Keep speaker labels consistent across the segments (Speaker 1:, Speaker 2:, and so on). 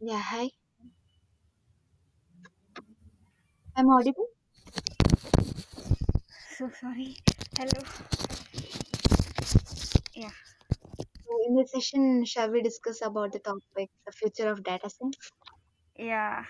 Speaker 1: Yeah, hi. I'm audible.
Speaker 2: So sorry. Hello. Yeah.
Speaker 1: So in this session, shall we discuss about the topic, the future of data science?
Speaker 2: Yeah.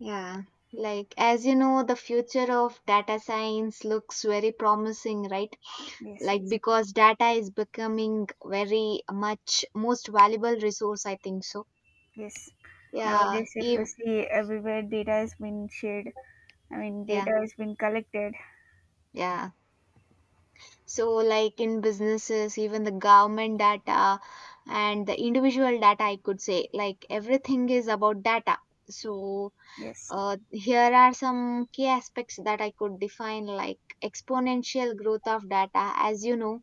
Speaker 1: Yeah, like as you know, the future of data science looks very promising, right?
Speaker 2: Yes,
Speaker 1: Like
Speaker 2: exactly.
Speaker 1: because data is becoming very much most valuable resource, I think so.
Speaker 2: Yes.
Speaker 1: Yeah,
Speaker 2: Nowadays, if you
Speaker 1: ev
Speaker 2: see everywhere, data has been shared.
Speaker 1: yeah,
Speaker 2: Data has been collected.
Speaker 1: yeah. So like in businesses, even the government data and the individual data, I could say, like everything is about data. So,
Speaker 2: Yes.
Speaker 1: Here are some key aspects that I could define, like exponential growth of data. As you know,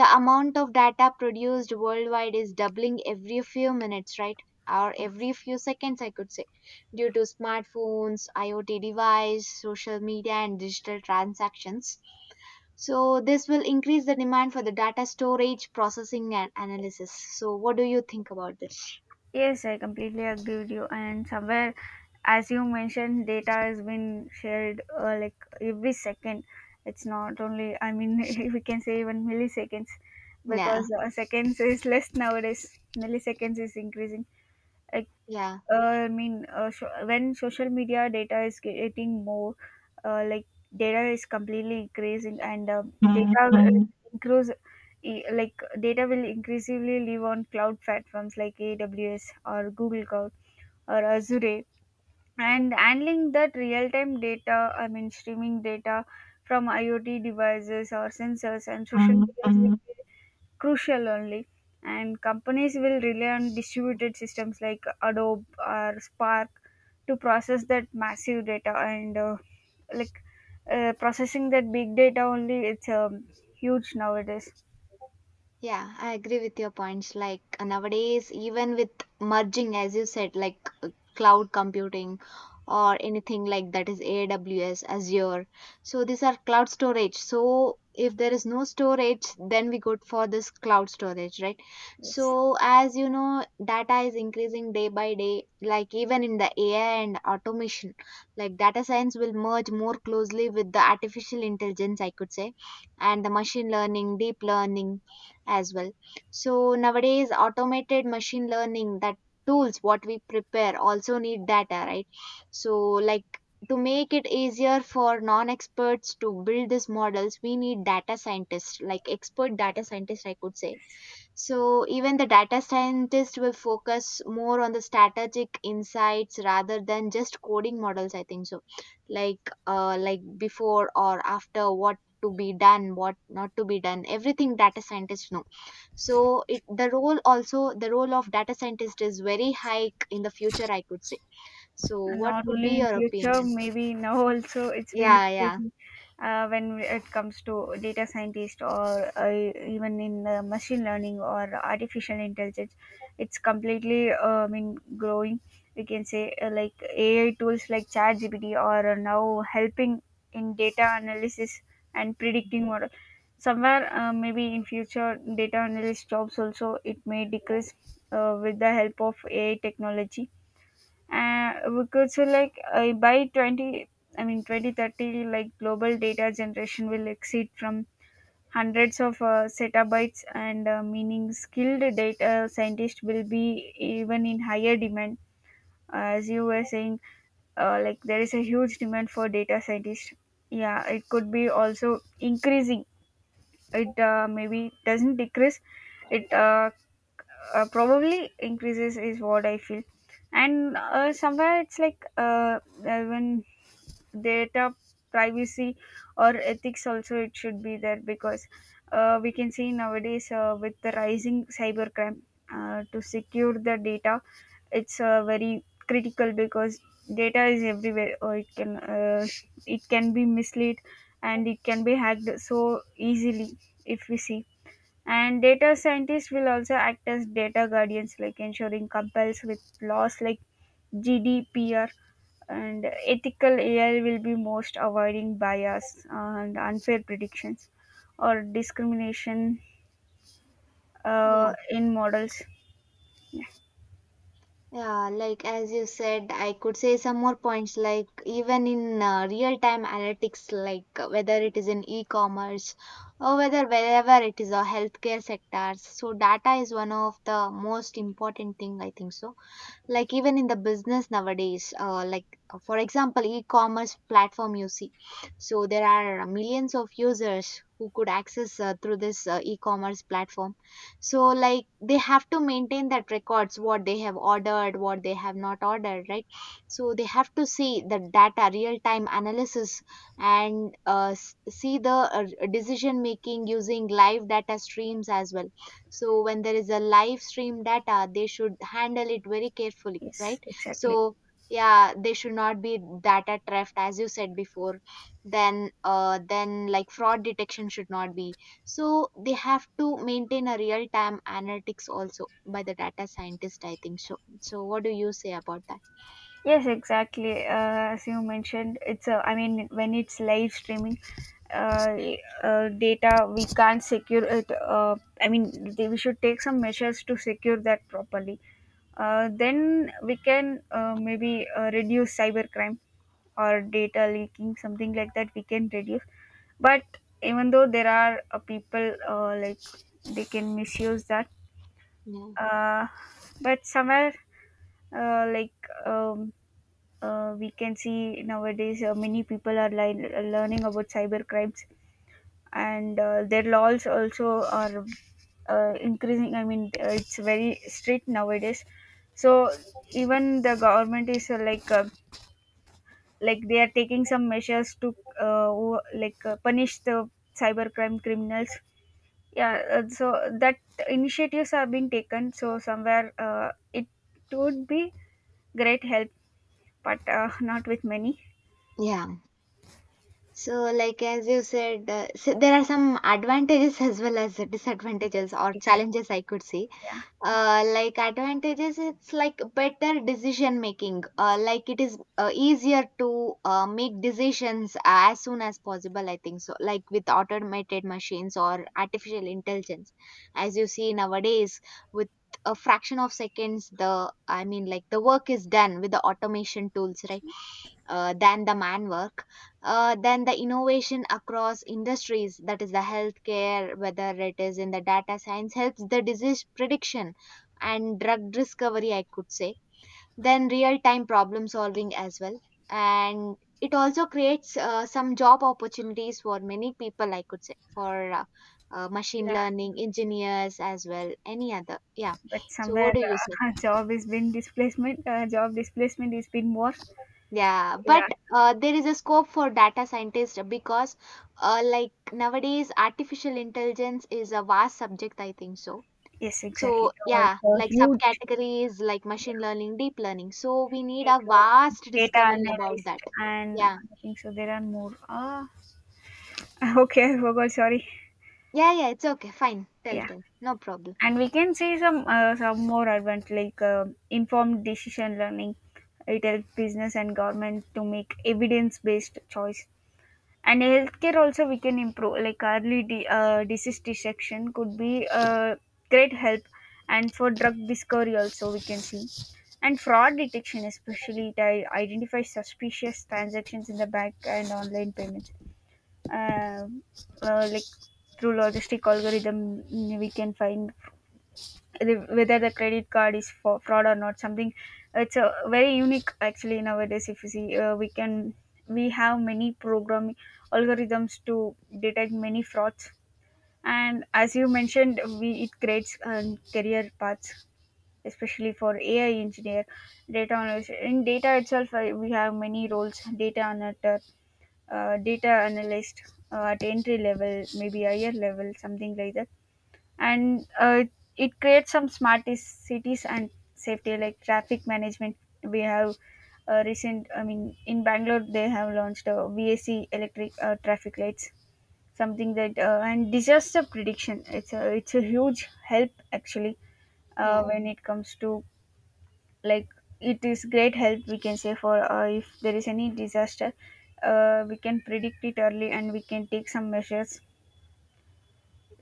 Speaker 1: the amount of data produced worldwide is doubling every few minutes, right? Or every few seconds, I could say, due to smartphones, IoT device, social media, and digital transactions. So, this will increase the demand for the data storage, processing, and analysis. So, what do you think about this?
Speaker 2: Yes, I completely agree with you. And somewhere, as you mentioned, data has been shared, like every second. It's not only. I mean, we can say even milliseconds,
Speaker 1: Yeah,
Speaker 2: because seconds is less nowadays. Milliseconds is increasing. I
Speaker 1: yeah.
Speaker 2: so when social media data is getting more, uh, like data is completely increasing, and data will increase, e- like data will increasingly live on cloud platforms like AWS or Google Cloud or Azure. And handling that real-time data, streaming data from IoT devices or sensors and social media will be crucial only, and companies will rely on distributed systems like adobe or spark to process that massive data. And like processing that big data only, it's huge nowadays.
Speaker 1: Yeah, I agree with your points. Like nowadays, even with merging, as you said, like cloud computing or anything like that is AWS, Azure. So these are cloud storage. So if there is no storage, then we go for this cloud storage, right?
Speaker 2: Yes.
Speaker 1: So as you know, data is increasing day by day, like even in the AI and automation, like data science will merge more closely with the artificial intelligence, I could say, and the machine learning, deep learning as well. So nowadays, automated machine learning, that tools what we prepare also need data, right? So like, to make it easier for non-experts to build these models, we need data scientists, like expert data scientists, I could say. So even the data scientist will focus more on the strategic insights rather than just coding models. I think so. Like like before or after, what to be done, what not to be done, everything data scientists know. So it the role also the role of data scientist is very high in the future, I could say. So
Speaker 2: And
Speaker 1: what
Speaker 2: not
Speaker 1: could
Speaker 2: only
Speaker 1: be
Speaker 2: in
Speaker 1: your
Speaker 2: future,
Speaker 1: opinion?
Speaker 2: maybe now also it's been
Speaker 1: Yeah, yeah,
Speaker 2: increasing, when it comes to data scientist or even in machine learning or artificial intelligence. It's completely, growing. We can say, like AI tools like ChatGPT are now helping in data analysis and predicting model. Somewhere, maybe in future, data analyst jobs also it may decrease with the help of AI technology. We so like By 20 I mean 2030, like global data generation will exceed from hundreds of zettabytes, and meaning skilled data scientists will be even in higher demand. As you were saying, like there is a huge demand for data scientists. Yeah, it could be also increasing. It maybe doesn't decrease. It probably increases is what I feel. And somewhere it's like uh, when data privacy or ethics also it should be there, because we can see nowadays, with the rising cybercrime, to secure the data it's very critical, because data is everywhere, or it can be misled and it can be hacked so easily if we see. And data scientists will also act as data guardians, like ensuring compliance with laws like GDPR, and ethical AI will be most avoiding bias and unfair predictions or discrimination
Speaker 1: yeah,
Speaker 2: in models. Yeah,
Speaker 1: yeah, like as you said, I could say some more points, like even in real time analytics, like whether it is in e-commerce, or whether wherever it is, a healthcare sectors. So data is one of the most important thing, I think so. Like even in the business nowadays, like for example, e-commerce platform, you see. So there are millions of users who could access through this e-commerce platform. So like, they have to maintain that records, what they have ordered, what they have not ordered, right? So they have to see the data, real time analysis, and see the decision making using live data streams as well. So when there is a live stream data, they should handle it very carefully,
Speaker 2: yes,
Speaker 1: right?
Speaker 2: exactly.
Speaker 1: So yeah, they should not be data theft, as you said before. Then then, like, fraud detection should not be. So they have to maintain a real time analytics also by the data scientist, I think so. So what do you say about that?
Speaker 2: Yes, exactly. As you mentioned, it's a, I mean, when it's live streaming, uh, data we can't secure it. We should take some measures to secure that properly. Then we can maybe reduce cybercrime or data leaking, something like that. We can reduce, but even though there are people, they can misuse that.
Speaker 1: Yeah,
Speaker 2: Uh, but somewhere, uh, like um, we can see nowadays, many people are learning about cyber crimes, and their laws also are increasing. It's very strict nowadays. So even the government is, like, they are taking some measures to punish the cybercrime criminals. Yeah. So that initiatives are being taken, so somewhere it would be great help, but not with many.
Speaker 1: yeah. So like, as you said, so there are some advantages as well as
Speaker 2: Yes,
Speaker 1: disadvantages or
Speaker 2: exactly.
Speaker 1: challenges, I could say.
Speaker 2: Yeah.
Speaker 1: Like advantages, it's like better decision making, like it is easier to make decisions as soon as possible, I think so. Like with automated machines or artificial intelligence, as you see nowadays, with a fraction of seconds, the I mean, like the work is done with the automation tools, right? Than the man work. Then the innovation across industries, that is the healthcare, whether it is in the data science, helps the disease prediction and drug discovery, I could say. Then real time problem solving as well. And it also creates some job opportunities for many people, I could say, for machine
Speaker 2: Yeah,
Speaker 1: learning engineers as well, any other. Yeah.
Speaker 2: but
Speaker 1: So,
Speaker 2: somewhere,
Speaker 1: what do you say?
Speaker 2: job displacement is been more.
Speaker 1: Yeah,
Speaker 2: Yeah.
Speaker 1: but there is a scope for data scientists, because like nowadays, artificial intelligence is a vast subject, I think so.
Speaker 2: Yes,
Speaker 1: So,
Speaker 2: exactly,
Speaker 1: yeah,
Speaker 2: also
Speaker 1: like
Speaker 2: huge.
Speaker 1: subcategories like
Speaker 2: Yeah,
Speaker 1: machine learning, deep learning. So, we need
Speaker 2: deep
Speaker 1: a
Speaker 2: learning,
Speaker 1: vast
Speaker 2: data
Speaker 1: discovery about
Speaker 2: analyst,
Speaker 1: that.
Speaker 2: and
Speaker 1: Yeah.
Speaker 2: I think so there are more, ah, okay, I forgot, sorry.
Speaker 1: Yeah, yeah, it's okay. Fine. Tell,
Speaker 2: Yeah,
Speaker 1: tell. No problem.
Speaker 2: and we can see some more advanced, like informed decision learning. It helps business and government to make evidence based choices. And healthcare also we can improve, like early disease detection could be a great help, and for drug discovery also we can see, and fraud detection especially, it identifies suspicious transactions in the bank and online payments. Um like through logistic algorithm, mm, we can find whether the credit card is for fraud or not, something. It's a very unique actually nowadays. If you see, we have many programming algorithms to detect many frauds. And as you mentioned, we it creates career paths, especially for AI engineer, data analyst. In data itself we have many roles: data analyst, uh, data analyst at entry level, maybe higher level, something like that. And it creates some smart cities and safety, like traffic management. We have recent, in bangalore they have launched a vac electric traffic lights, something that. And disaster prediction, it's a huge help actually
Speaker 1: Yeah,
Speaker 2: when it comes to, like, it is great help we can say. For if there is any disaster, we can predict it early and we can take some measures.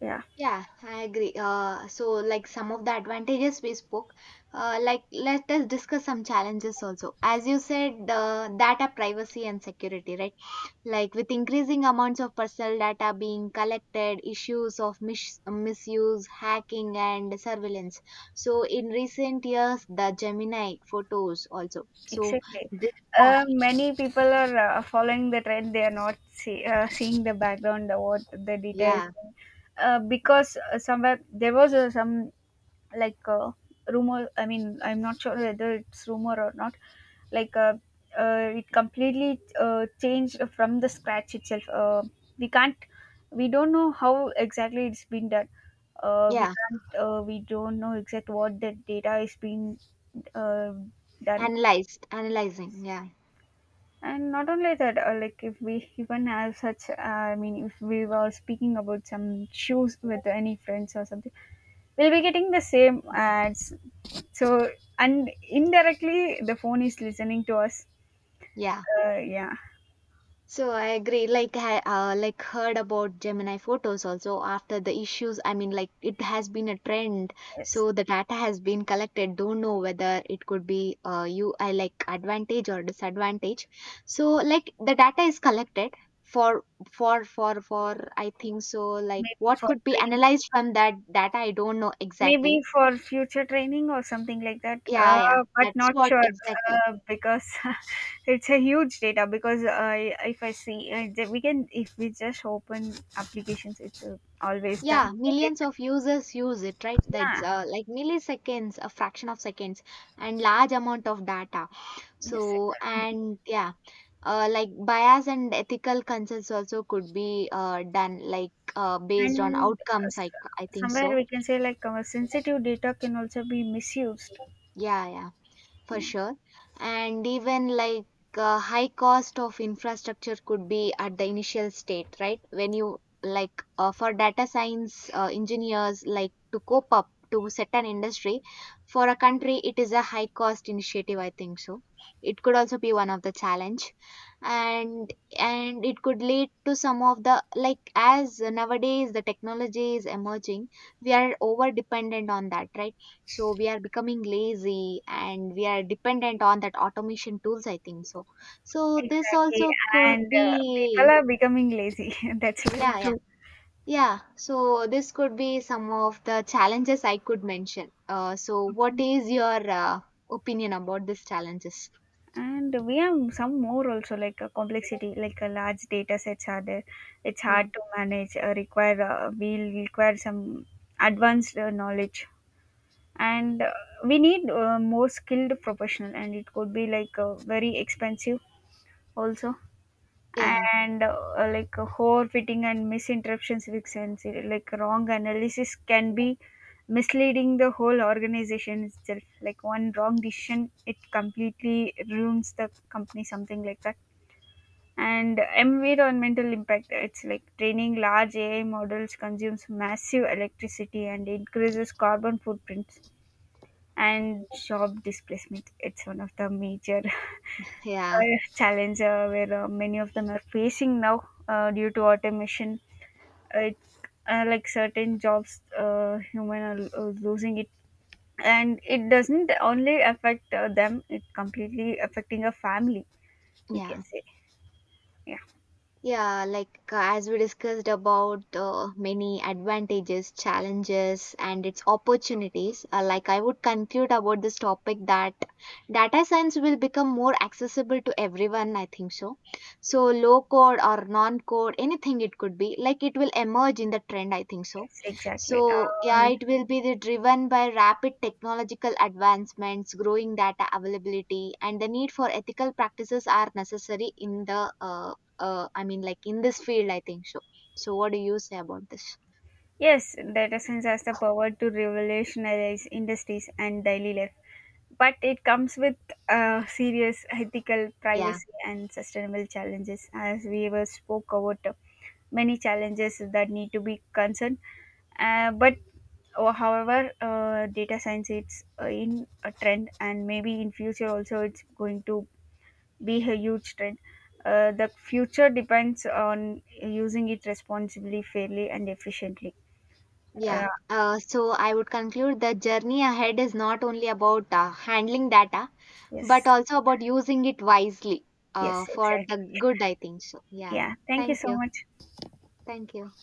Speaker 2: Yeah.
Speaker 1: yeah, I agree. So, like some of the advantages we spoke, like let us discuss some challenges also. As you said, data privacy and security, right? Like with increasing amounts of personal data being collected, issues of misuse, hacking, and surveillance. So in recent years, the Gemini photos also. So
Speaker 2: Exactly.
Speaker 1: this. Yeah,
Speaker 2: Many people are following the trend. They are not seeing the background, what the details,
Speaker 1: yeah,
Speaker 2: because somewhere there was some, like uh, rumor. I mean, I'm not sure whether it's rumor or not. Like uh, it completely changed from the scratch itself. We can't. We don't know how exactly it's been done. We
Speaker 1: yeah,
Speaker 2: can't. We don't know exact what the data is being uh, done.
Speaker 1: analyzed, analyzing, yeah,
Speaker 2: And not only that, like, if we even have such, if we were speaking about some shoes with any friends or something, we'll be getting the same ads. So, and indirectly, the phone is listening to us.
Speaker 1: yeah.
Speaker 2: Yeah,
Speaker 1: So I agree. Like I like heard about Gemini photos also after the issues. I mean, like it has been a trend.
Speaker 2: yes,
Speaker 1: So the data has been collected. Don't know whether it could be you I like advantage or disadvantage. So like the data is collected for for I think so. Like
Speaker 2: maybe
Speaker 1: what
Speaker 2: for
Speaker 1: could be
Speaker 2: train,
Speaker 1: analyzed from that data? I don't know
Speaker 2: maybe
Speaker 1: exactly.
Speaker 2: for future training or something like that.
Speaker 1: Yeah, yeah.
Speaker 2: But
Speaker 1: That's
Speaker 2: not
Speaker 1: what
Speaker 2: sure,
Speaker 1: exactly.
Speaker 2: because it's a huge data. Because if I see, we can if we just open applications, it's always done.
Speaker 1: Yeah, millions of users use it, right?
Speaker 2: Yeah,
Speaker 1: That's like milliseconds, a fraction of seconds, and large amount of data.
Speaker 2: yes,
Speaker 1: So,
Speaker 2: exactly.
Speaker 1: and yeah, like bias and ethical concerns also could be done, like based on
Speaker 2: And
Speaker 1: outcomes. I think
Speaker 2: somewhere
Speaker 1: so.
Speaker 2: we can say like our sensitive data can also be misused.
Speaker 1: Yeah, yeah. For
Speaker 2: Yeah,
Speaker 1: sure. And even like high cost of infrastructure could be at the initial state, right? When you like, for data science engineers, like to cope up to set an industry for a country, it is a high cost initiative, I think so. It could also be one of the challenge, and and it could lead to some of the, like, as nowadays the technology is emerging, we are over dependent on that, right? So we are becoming lazy and we are dependent on that automation tools, I think so. So this
Speaker 2: exactly.
Speaker 1: also
Speaker 2: And
Speaker 1: could
Speaker 2: people
Speaker 1: be.
Speaker 2: are becoming lazy. That's very
Speaker 1: Yeah, yeah,
Speaker 2: true.
Speaker 1: yeah. So this could be some of the challenges I could mention. So what is your opinion about these challenges?
Speaker 2: And we have some more also, like a complexity, like a large data sets are there. It's
Speaker 1: Hmm.
Speaker 2: hard to manage. Require some advanced knowledge, and we need more skilled professional. And it could be like very expensive also.
Speaker 1: Yeah,
Speaker 2: And overfitting and misinterpretations with sense, like wrong analysis can be misleading the whole organization itself, like one wrong decision it completely ruins the company, something like that. And environmental impact, it's like training large AI models consumes massive electricity and increases carbon footprints. And job displacement, it's one of the major
Speaker 1: yeah,
Speaker 2: challenge, where many of them are facing now due to automation. It, like, certain jobs, human are losing it, and it doesn't only affect them; it completely affecting a family. We can
Speaker 1: yeah.
Speaker 2: say, yeah,
Speaker 1: Yeah, like as we discussed about many advantages, challenges, and its opportunities, like I would conclude about this topic that data science will become more accessible to everyone, I think so. So, low code or non code, anything it could be, like it will emerge in the trend, I think so.
Speaker 2: yes, exactly.
Speaker 1: So, yeah, it will be the driven by rapid technological advancements, growing data availability, and the need for ethical practices are necessary in the, I mean, like in this field, I think so. So, what do you say about this?
Speaker 2: Yes, data science has the power to revolutionize industries and daily life. But it comes with serious ethical,
Speaker 1: Yeah,
Speaker 2: privacy, and sustainable challenges, as we were spoke about, many challenges that need to be concerned. Uh, but oh, However, data science it's in a trend, and maybe in future also it's going to be a huge trend. The future depends on using it responsibly, fairly, and efficiently.
Speaker 1: yeah.
Speaker 2: Uh,
Speaker 1: So, I would conclude that journey ahead is not only about handling data, but
Speaker 2: yes,
Speaker 1: also about using it wisely,
Speaker 2: yes,
Speaker 1: for the
Speaker 2: exactly.
Speaker 1: good, I think so. Yeah.
Speaker 2: Yeah, thank you
Speaker 1: Thank
Speaker 2: so
Speaker 1: you.
Speaker 2: much.
Speaker 1: Thank you.